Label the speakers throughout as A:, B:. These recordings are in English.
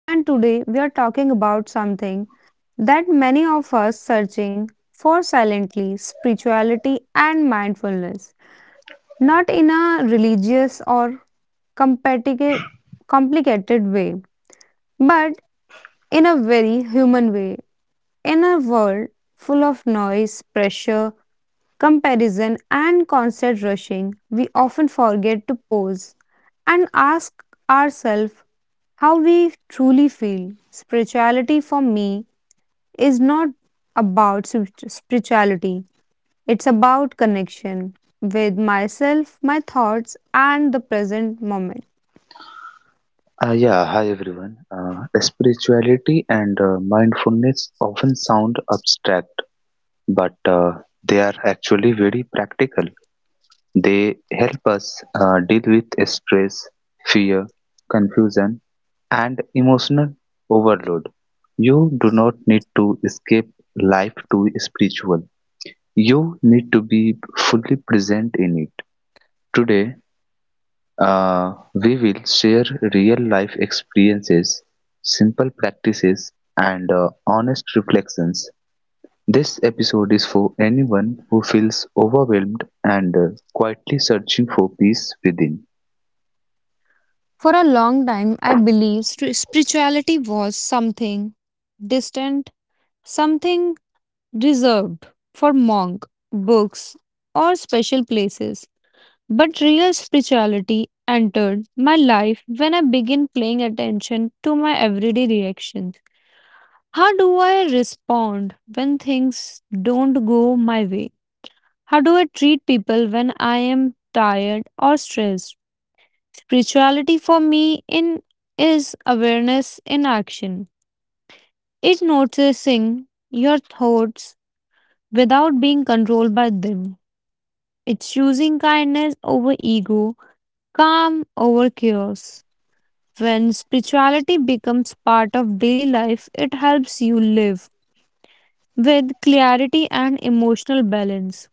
A: And today we are talking about something that many of us searching for silently spirituality and mindfulness, not in a religious or competitive- complicated way, but in a very human way, in a world full of noise, pressure, comparison, and constant rushing, we often forget to pause and ask ourselves how we truly feel. Spirituality for me is not about spirituality, it's about connection with myself, my thoughts, and the present moment.
B: Yeah, hi everyone. Spirituality and mindfulness often sound abstract, but they are actually very practical. They help us deal with stress, fear, confusion, and emotional overload. You do not need to escape life to be spiritual. You need to be fully present in it. Today, we will share real life experiences, simple practices, and honest reflections. This episode is for anyone who feels overwhelmed and quietly searching for peace within.
A: For a long time, I believed spirituality was something distant, something reserved for monk, books, or special places. But real spirituality entered my life when I began paying attention to my everyday reactions. How do I respond when things don't go my way? How do I treat people when I am tired or stressed? Spirituality for me in is awareness in action. It's noticing your thoughts without being controlled by them. It's choosing kindness over ego, calm over chaos. When spirituality becomes part of daily life, it helps you live with clarity and emotional balance.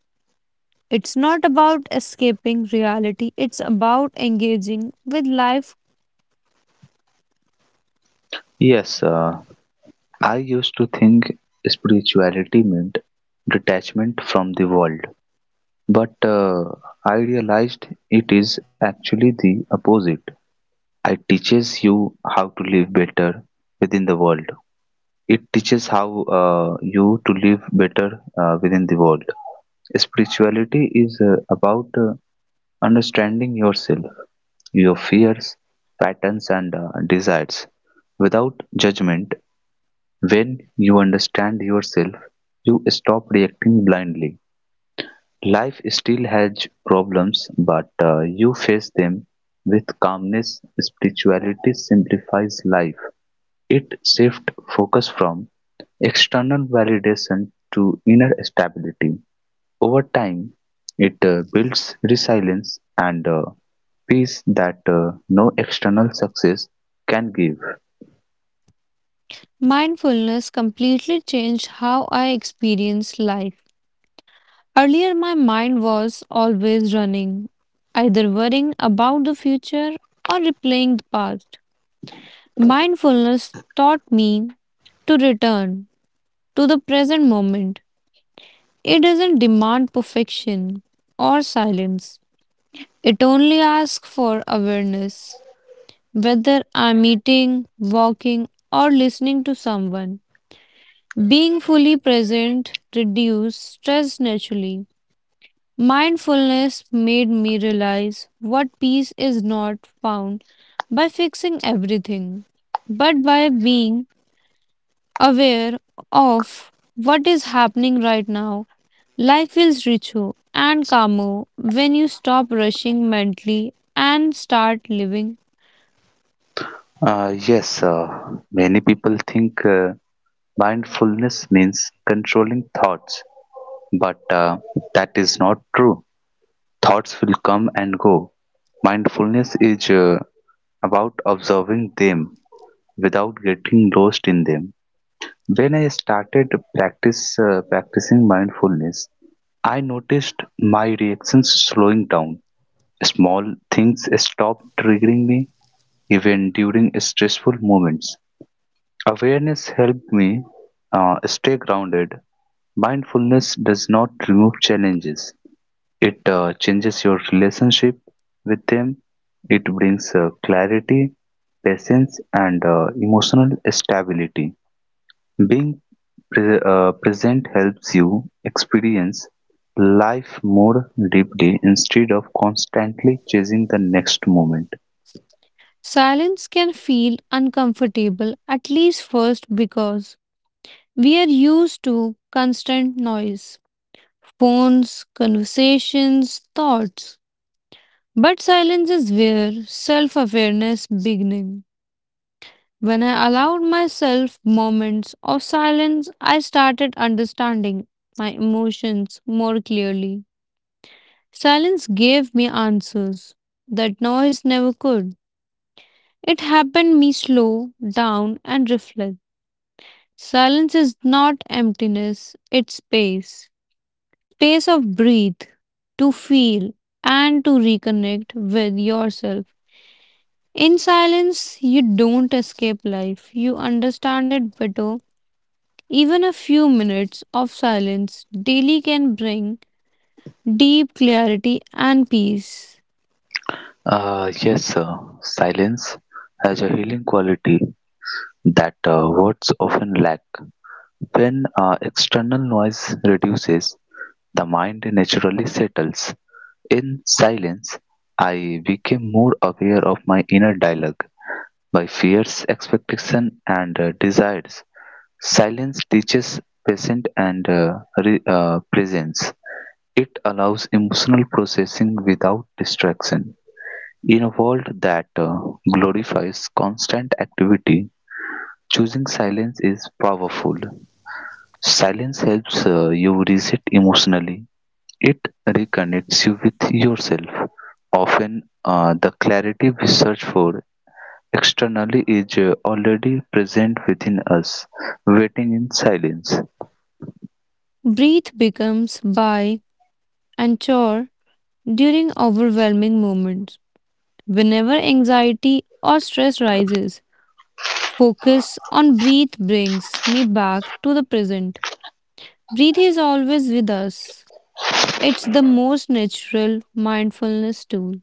A: It's not about escaping reality, it's about engaging with life.
B: Yes, I used to think spirituality meant detachment from the world, but I realized it is actually the opposite. It teaches you how to live better within the world. It teaches how you to live better within the world. Spirituality is about understanding yourself, your fears, patterns, and desires without judgment. When you understand yourself, you stop reacting blindly. Life still has problems, but you face them with calmness. Spirituality simplifies life, it shifts focus from external validation to inner stability. Over time, it builds resilience and peace that no external success can give.
A: Mindfulness completely changed how I experience life. Earlier, my mind was always running, either worrying about the future or replaying the past. Mindfulness taught me to return to the present moment. It doesn't demand perfection or silence. It only asks for awareness. Whether I'm eating, walking, or listening to someone, being fully present reduces stress naturally. Mindfulness made me realize what peace is not found by fixing everything, but by being aware of what is happening right now, life feels richer and calmer when you stop rushing mentally and start living.
B: Yes, many people think mindfulness means controlling thoughts, but that is not true. Thoughts will come and go. Mindfulness is about observing them without getting lost in them. When I started practice practicing mindfulness, I noticed my reactions slowing down. Small things stopped triggering me even during stressful moments. Awareness helped me stay grounded. Mindfulness does not remove challenges. It changes your relationship with them. It brings clarity, patience, and emotional stability. Being present helps you experience life more deeply instead of constantly chasing the next moment.
A: Silence can feel uncomfortable, at least first, because we are used to constant noise, phones, conversations, thoughts. But silence is where self awareness begins. When I allowed myself moments of silence, I started understanding my emotions more clearly. Silence gave me answers that noise never could. It happened me slow down and reflect. Silence is not emptiness, it's space. Space of breathe, to feel, and to reconnect with yourself. In silence, you don't escape life, you understand it better. Even a few minutes of silence daily can bring deep clarity and peace.
B: Yes, sir. Silence has a healing quality that words often lack. When external noise reduces, the mind naturally settles. In silence, I became more aware of my inner dialogue, my fears, expectations, and desires. Silence teaches patience and presence. It allows emotional processing without distraction. In a world that glorifies constant activity, choosing silence is powerful. Silence helps you reset emotionally. It reconnects you with yourself. Often, the clarity we search for externally is already present within us, waiting in silence.
A: Breathe becomes by and chore during overwhelming moments. Whenever anxiety or stress rises, focus on breathe brings me back to the present. Breathe is always with us. It's the most natural mindfulness tool.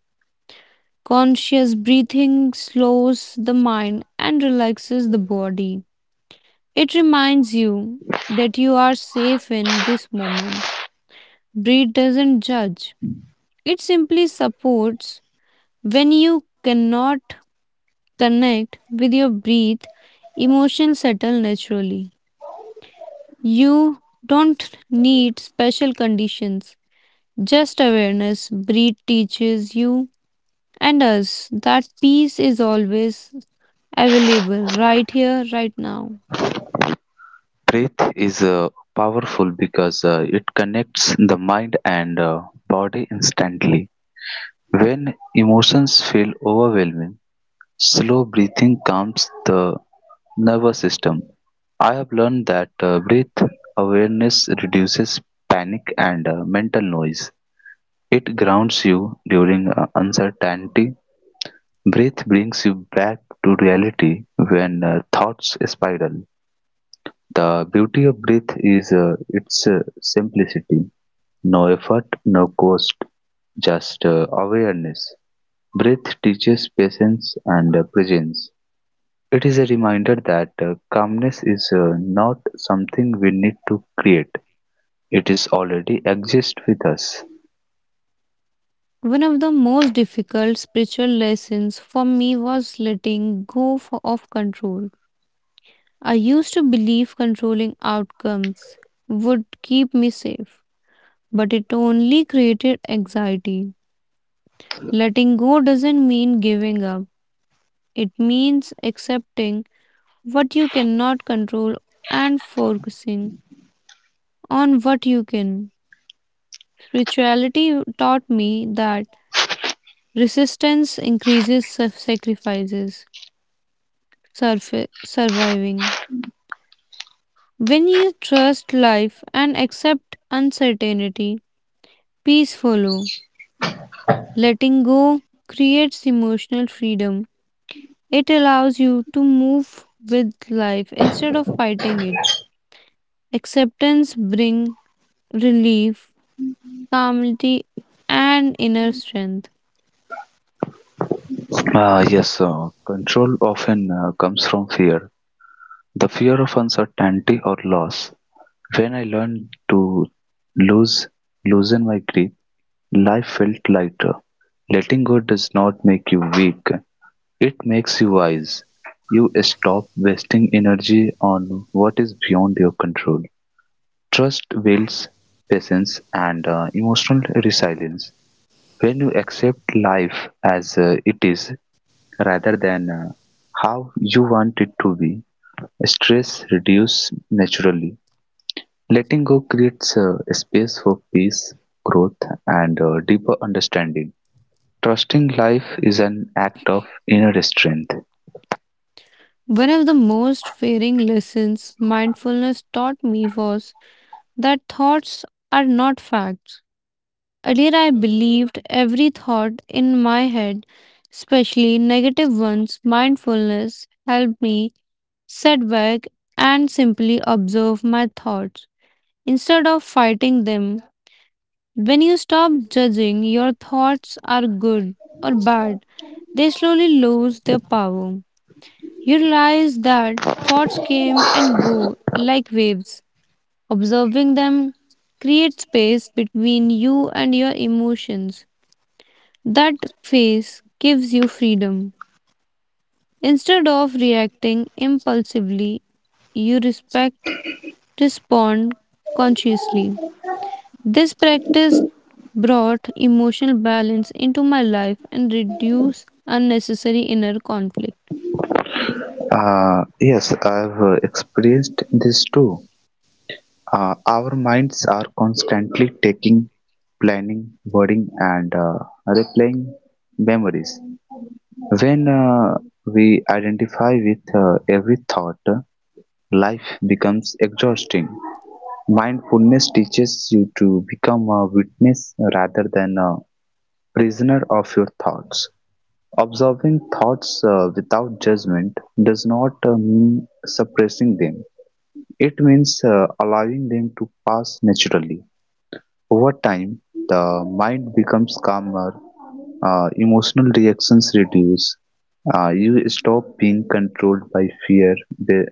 A: Conscious breathing slows the mind and relaxes the body. It reminds you that you are safe in this moment. Breed doesn't judge, it simply supports when you cannot connect with your breath, emotions settle naturally. You don't need special conditions, just awareness. Breath teaches you and us that peace is always available right here, right now.
B: Breath is powerful because it connects the mind and body instantly. When emotions feel overwhelming, slow breathing calms the nervous system. I have learned that breath awareness reduces panic and mental noise. It grounds you during uncertainty. Breath brings you back to reality when thoughts spiral. The beauty of breath is its simplicity: no effort, no cost, just awareness. Breath teaches patience and presence. It is a reminder that calmness is not something we need to create. It is already exist with us.
A: One of the most difficult spiritual lessons for me was letting go of control. I used to believe controlling outcomes would keep me safe, but it only created anxiety. Letting go doesn't mean giving up, it means accepting what you cannot control and focusing on what you can. Spirituality taught me that resistance increases sacrifices surviving. When you trust life and accept uncertainty, peace follows. Letting go creates emotional freedom. It allows you to move with life instead of fighting it. Acceptance brings relief, calmity, and inner strength.
B: Ah, yes, control often comes from fear. The fear of uncertainty or loss. When I learned to lose, loosen my grip, life felt lighter. Letting go does not make you weak, it makes you wise. You stop wasting energy on what is beyond your control. Trust builds patience and emotional resilience. When you accept life as it is rather than how you want it to be, stress reduces naturally. Letting go creates a space for peace, growth, and deeper understanding. Trusting life is an act of inner strength.
A: One of the most fearing lessons mindfulness taught me was that thoughts are not facts. Earlier, I believed every thought in my head, especially negative ones. Mindfulness helped me sit back and simply observe my thoughts instead of fighting them. When you stop judging, your thoughts are good or bad, they slowly lose their power. You realize that thoughts came and go like waves. Observing them creates space between you and your emotions. That phase gives you freedom. Instead of reacting impulsively, you respect, respond consciously. This practice brought emotional balance into my life and reduced unnecessary inner conflict.
B: Yes, I've experienced this too. Our minds are constantly taking, planning, wording, and replaying memories. When we identify with every thought, life becomes exhausting. Mindfulness teaches you to become a witness rather than a prisoner of your thoughts. Observing thoughts without judgment does not mean suppressing them. It means allowing them to pass naturally. Over time, the mind becomes calmer, emotional reactions reduce, you stop being controlled by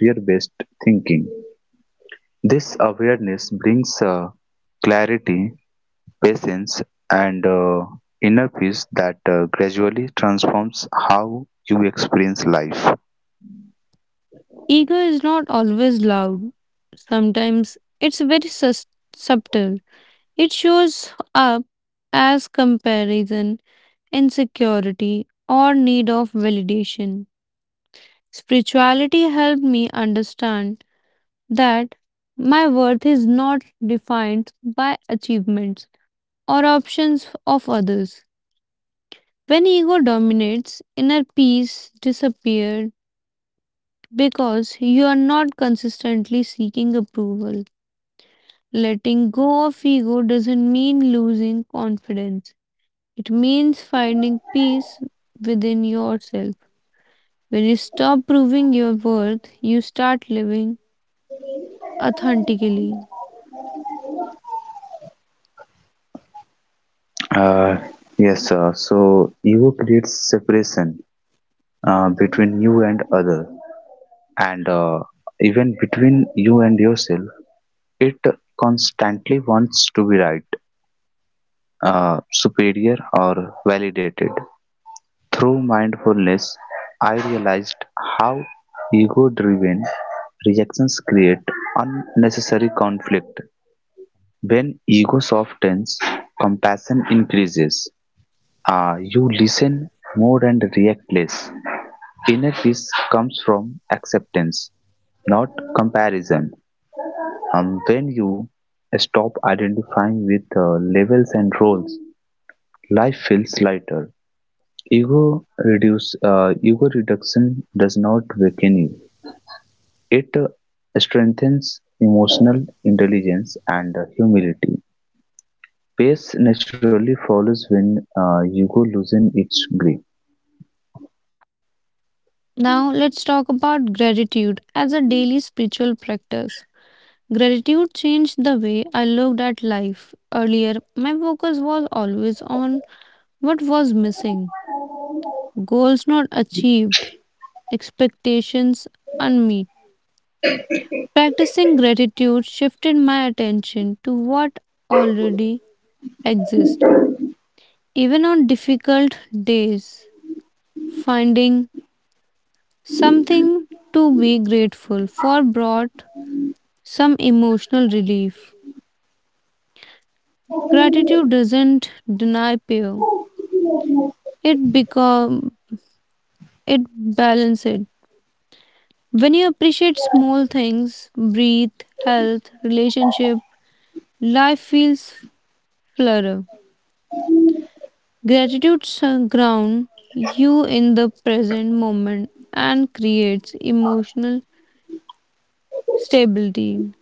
B: fear-based thinking. This awareness brings clarity, patience, and inner peace that gradually transforms how you experience life.
A: Ego is not always loud, sometimes it's very subtle. It shows up as comparison, insecurity, or need of validation. Spirituality helped me understand that my worth is not defined by achievements or options of others. When ego dominates, inner peace disappears because you are not consistently seeking approval. Letting go of ego doesn't mean losing confidence, it means finding peace within yourself. When you stop proving your worth, you start living authentically.
B: Uh, yes, so ego creates separation between you and other, and even between you and yourself. It constantly wants to be right, superior, or validated. Through mindfulness, I realized how ego-driven reactions create unnecessary conflict. When ego softens, compassion increases. You listen more and react less. Inner peace comes from acceptance, not comparison. When you stop identifying with levels and roles, life feels lighter. Ego reduction does not weaken you; it strengthens emotional intelligence and humility. Pace naturally follows when ego loses its grip.
A: Now, let's talk about gratitude as a daily spiritual practice. Gratitude changed the way I looked at life. Earlier, my focus was always on what was missing, goals not achieved, expectations unmet. Practicing gratitude shifted my attention to what already exists. Even on difficult days, finding something to be grateful for brought some emotional relief. Gratitude doesn't deny fear. It become it balances it. When you appreciate small things, breathe, health, relationship, life feels flutter. Gratitude grounds you in the present moment and creates emotional stability.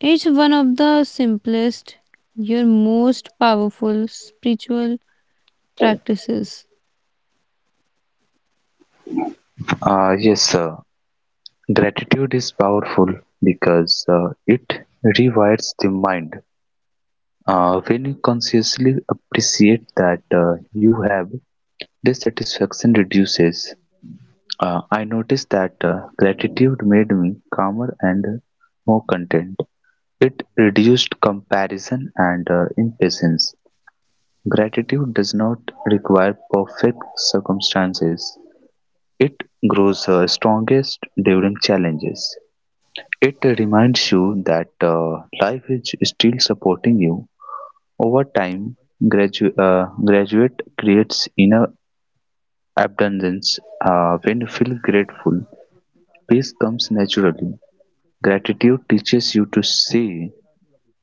A: It's one of the simplest, your most powerful spiritual practices.
B: Yes, sir. Gratitude is powerful because it rewires the mind. When you consciously appreciate that you have, dissatisfaction reduces. I noticed that gratitude made me calmer and more content. It reduced comparison and impatience. Gratitude does not require perfect circumstances. It grows strongest during challenges. It reminds you that life is still supporting you. Over time, graduate creates inner abundance. When you feel grateful, peace comes naturally. Gratitude teaches you to see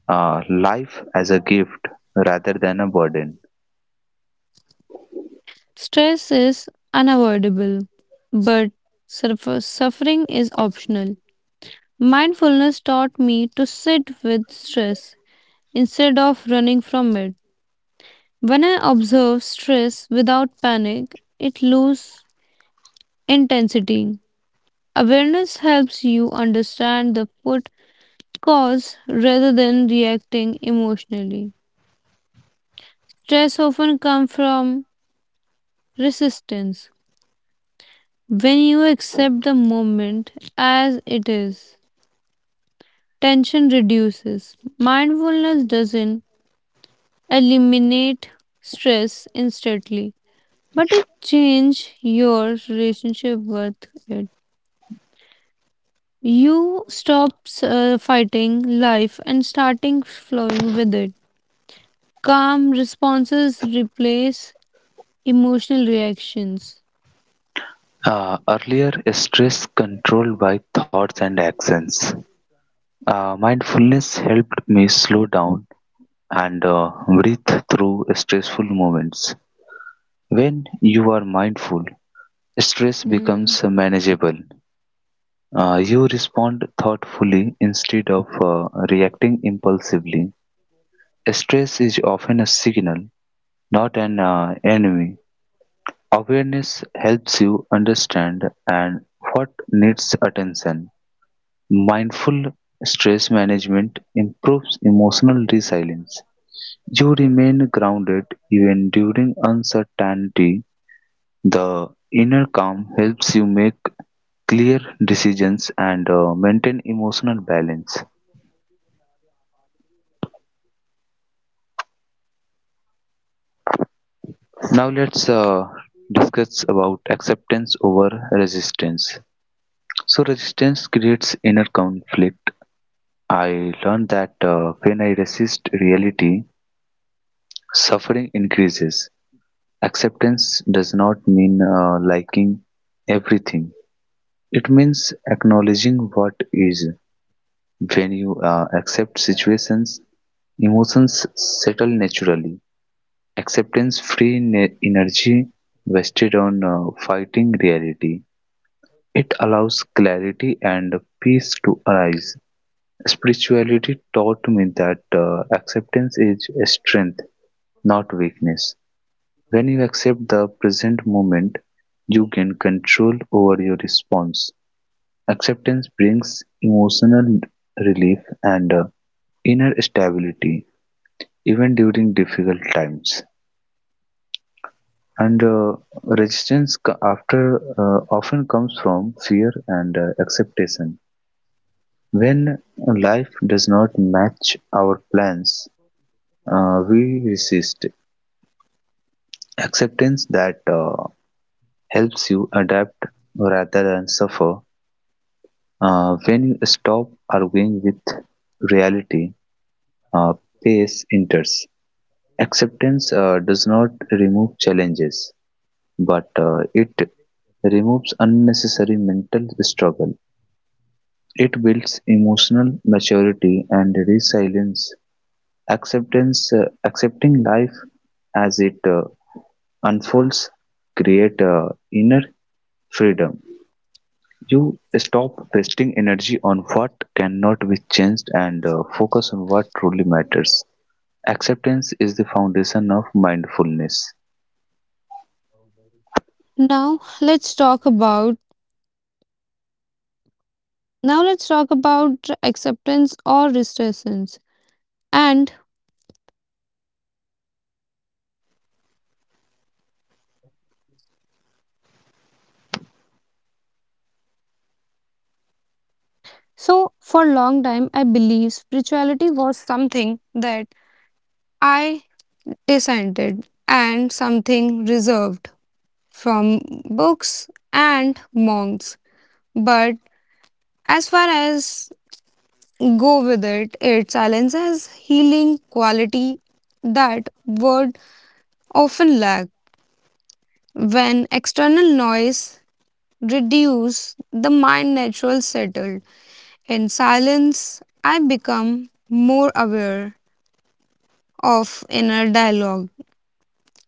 B: uh, life as a gift rather than a burden.
A: Stress is unavoidable, but suffering is optional. Mindfulness taught me to sit with stress instead of running from it. When I observe stress without panic, it loses intensity. Awareness helps you understand the root cause rather than reacting emotionally. Stress often comes from resistance. When you accept the moment as it is, tension reduces. Mindfulness doesn't eliminate stress instantly, but it changes your relationship with it. You stop fighting life and starting flowing with it. Calm responses replace emotional reactions.
B: Earlier, stress controlled by thoughts and actions. Mindfulness helped me slow down and breathe through stressful moments. When you are mindful, stress
A: Mm.
B: becomes manageable. You respond thoughtfully instead of reacting impulsively. Stress is often a signal, not an enemy. Awareness helps you understand and what needs attention. Mindful stress management improves emotional resilience. You remain grounded even during uncertainty. The inner calm helps you make clear decisions and maintain emotional balance. Now let's discuss about acceptance over resistance. So resistance creates inner conflict. I learned that when I resist reality, suffering increases. Acceptance does not mean liking everything. It means acknowledging what is. When you accept situations, emotions settle naturally. Acceptance energy wasted on fighting reality. It allows clarity and peace to arise. Spirituality taught me that acceptance is a strength, not weakness. When you accept the present moment, you gain control over your response. Acceptance brings emotional relief and inner stability even during difficult times. And resistance co- after often comes from fear and acceptation. When life does not match our plans, we resist. Acceptance that helps you adapt rather than suffer. When you stop arguing with reality, uh, pace enters. Acceptance does not remove challenges, but it removes unnecessary mental struggle. It builds emotional maturity and resilience. Accepting life as it unfolds, create inner freedom. You stop wasting energy on what cannot be changed and focus on what truly matters. Acceptance is the foundation of mindfulness.
A: Now let's talk about now let's talk about acceptance or resistance. And so for long time I believe spirituality was something that I dissented and something reserved from books and monks. But as far as go with it, it silences healing quality that word often lack when external noise reduce the mind natural settled in silence I become more aware of inner dialogue.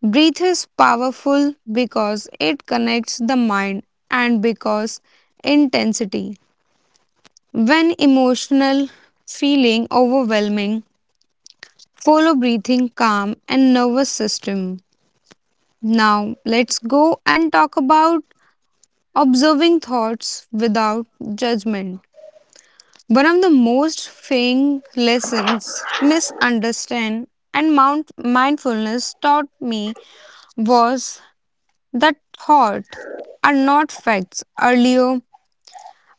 A: Breath is powerful because it connects the mind and because intensity. When emotional feeling overwhelming, follow breathing calm and nervous system. Now let's go and talk about observing thoughts without judgment. One of the most freeing lessons misunderstand and mount mindfulness taught me was that thought are not facts. Earlier,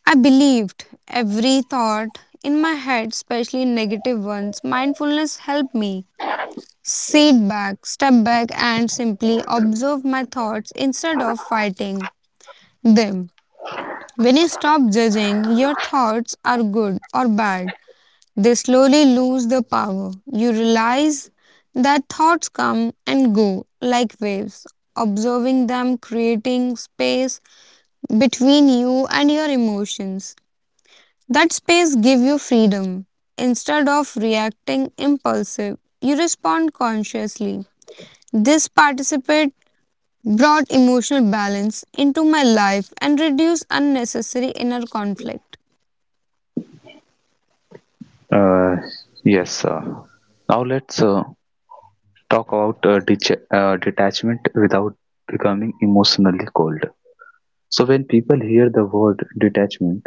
A: I believed every thought in my head, especially negative ones. Mindfulness helped me sit back, step back, and simply observe my thoughts instead of fighting them. When you stop judging, your thoughts are good or bad. They slowly lose the power. You realize that thoughts come and go like waves. Observing them, creating space between you and your emotions. That space give you freedom. Instead of reacting impulsive, you respond consciously. This participate brought emotional balance into my life and reduced unnecessary inner conflict.
B: Uh, yes, sir. Now let's talk about detachment without becoming emotionally cold. So, when people hear the word detachment,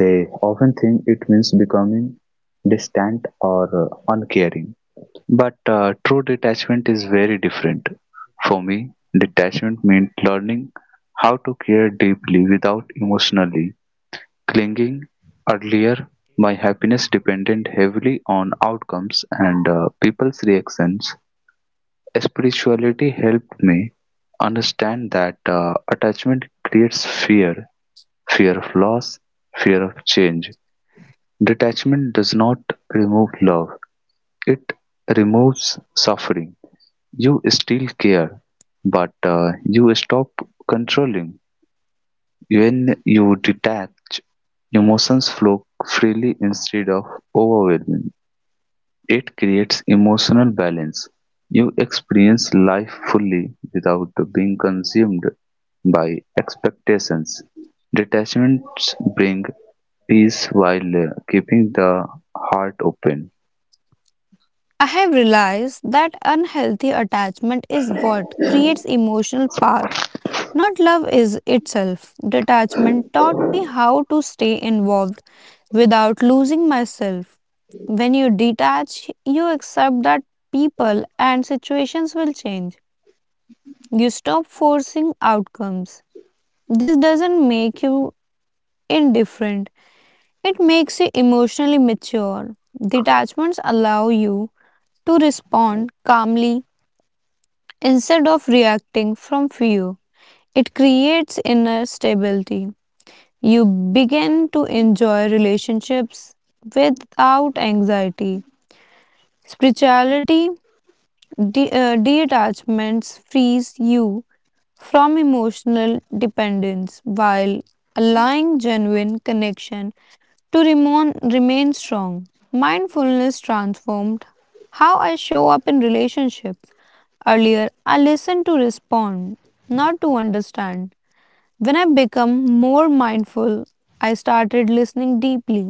B: they often think it means becoming distant or uncaring. But true detachment is very different. For me, detachment means learning how to care deeply without emotionally clinging. Earlier, my happiness depended heavily on outcomes and people's reactions. Spirituality helped me understand that attachment creates fear, fear of loss, fear of change. Detachment does not remove love, it removes suffering. You still care, but you stop controlling. When you detach, emotions flow freely instead of overwhelming. It creates emotional balance. You experience life fully without being consumed by expectations. Detachments bring peace while keeping the heart open.
A: I have realized that unhealthy attachment is what creates emotional path. Not love is itself. Detachment taught me how to stay involved without losing myself. When you detach, you accept that people and situations will change. You stop forcing outcomes. This doesn't make you indifferent, it makes you emotionally mature. Detachments allow you to respond calmly instead of reacting from fear. It creates inner stability. You begin to enjoy relationships without anxiety. Spirituality detachments frees you from emotional dependence while allowing genuine connection to remain strong. Mindfulness transformed how I show up in relationships. Earlier, I listened to respond, not to understand. When I become more mindful, I started listening deeply,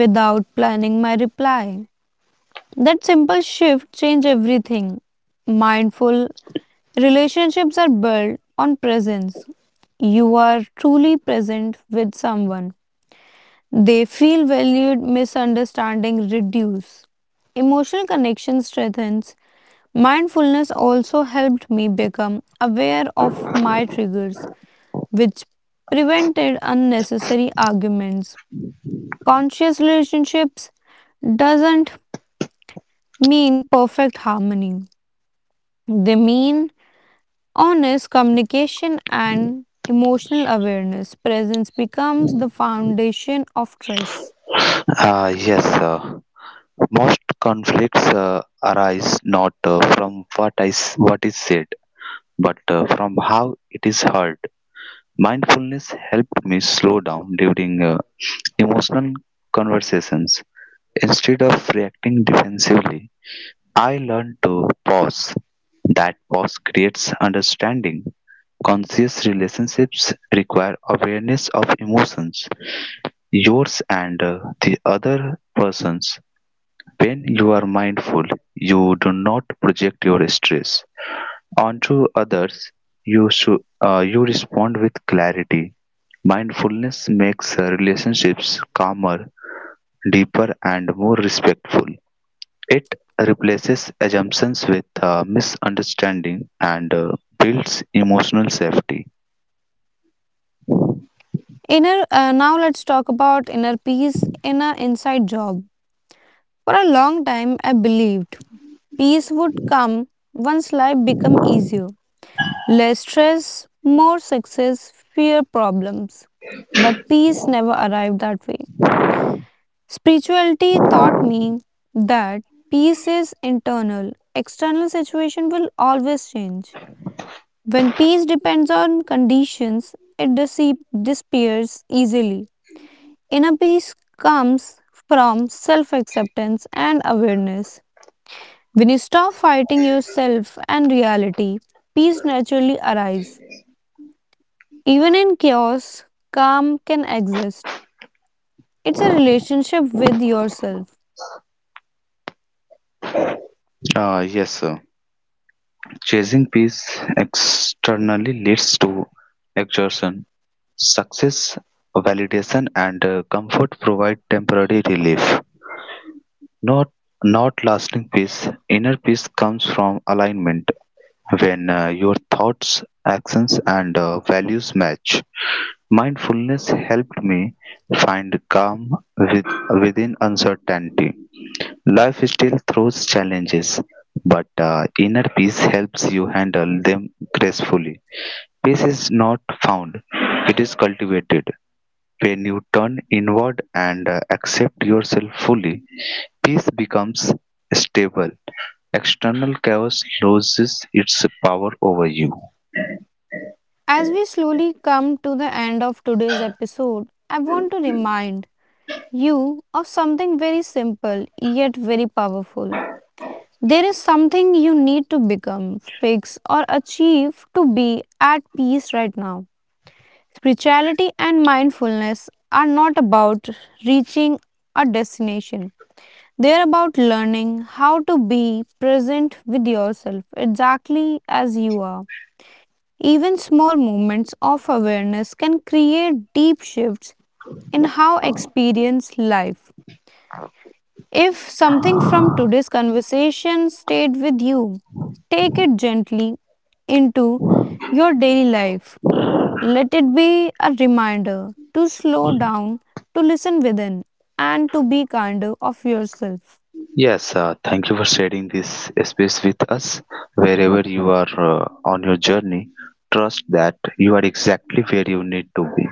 A: without planning my reply. That simple shift changed everything. Mindful relationships are built on presence. You are truly present with someone. They feel valued, misunderstanding reduce. Emotional connection strengthens. Mindfulness also helped me become aware of my triggers, which prevented unnecessary arguments. Conscious relationships doesn't mean perfect harmony. They mean honest communication and emotional awareness. Presence becomes the foundation of trust.
B: Ah, yes, sir. Most conflicts arise not from what is said, but from how it is heard. Mindfulness helped me slow down during emotional conversations. Instead of reacting defensively, I learned to pause. That pause creates understanding. Conscious relationships require awareness of emotions, yours and the other person's. When you are mindful, you do not project your stress onto others. You should you respond with clarity. Mindfulness makes relationships calmer, deeper, and more respectful. It replaces assumptions with misunderstanding and builds emotional safety.
A: Now let's talk about inner peace in an inside job. For a long time, I believed peace would come once life become easier. Less stress, more success, fewer problems. But peace never arrived that way. Spirituality taught me that peace is internal. External situation will always change. When peace depends on conditions, it disappears easily. Inner peace comes from self acceptance and awareness. When you stop fighting yourself and reality, peace naturally arises. Even in chaos, calm can exist. It's a relationship with yourself.
B: Yes, sir. Chasing peace externally leads to exhaustion. Success, validation and comfort provide temporary relief, not not lasting peace. Inner peace comes from alignment when your thoughts, actions and values match. Mindfulness helped me find calm with, within uncertainty. Life still throws challenges, but inner peace helps you handle them gracefully. Peace is not found, it is cultivated. When you turn inward and accept yourself fully, peace becomes stable. External chaos loses its power over you.
A: As we slowly come to the end of today's episode, I want to remind you of something very simple yet very powerful. There is something you need to become, fix, or achieve to be at peace right now. Spirituality and mindfulness are not about reaching a destination. They are about learning how to be present with yourself exactly as you are. Even small moments of awareness can create deep shifts in how experience life. If something from today's conversation stayed with you, take it gently into your daily life. Let it be a reminder to slow down, to listen within, and to be kinder of yourself.
B: Yes, thank you for sharing this space with us. Wherever you are on your journey, trust that you are exactly where you need to be.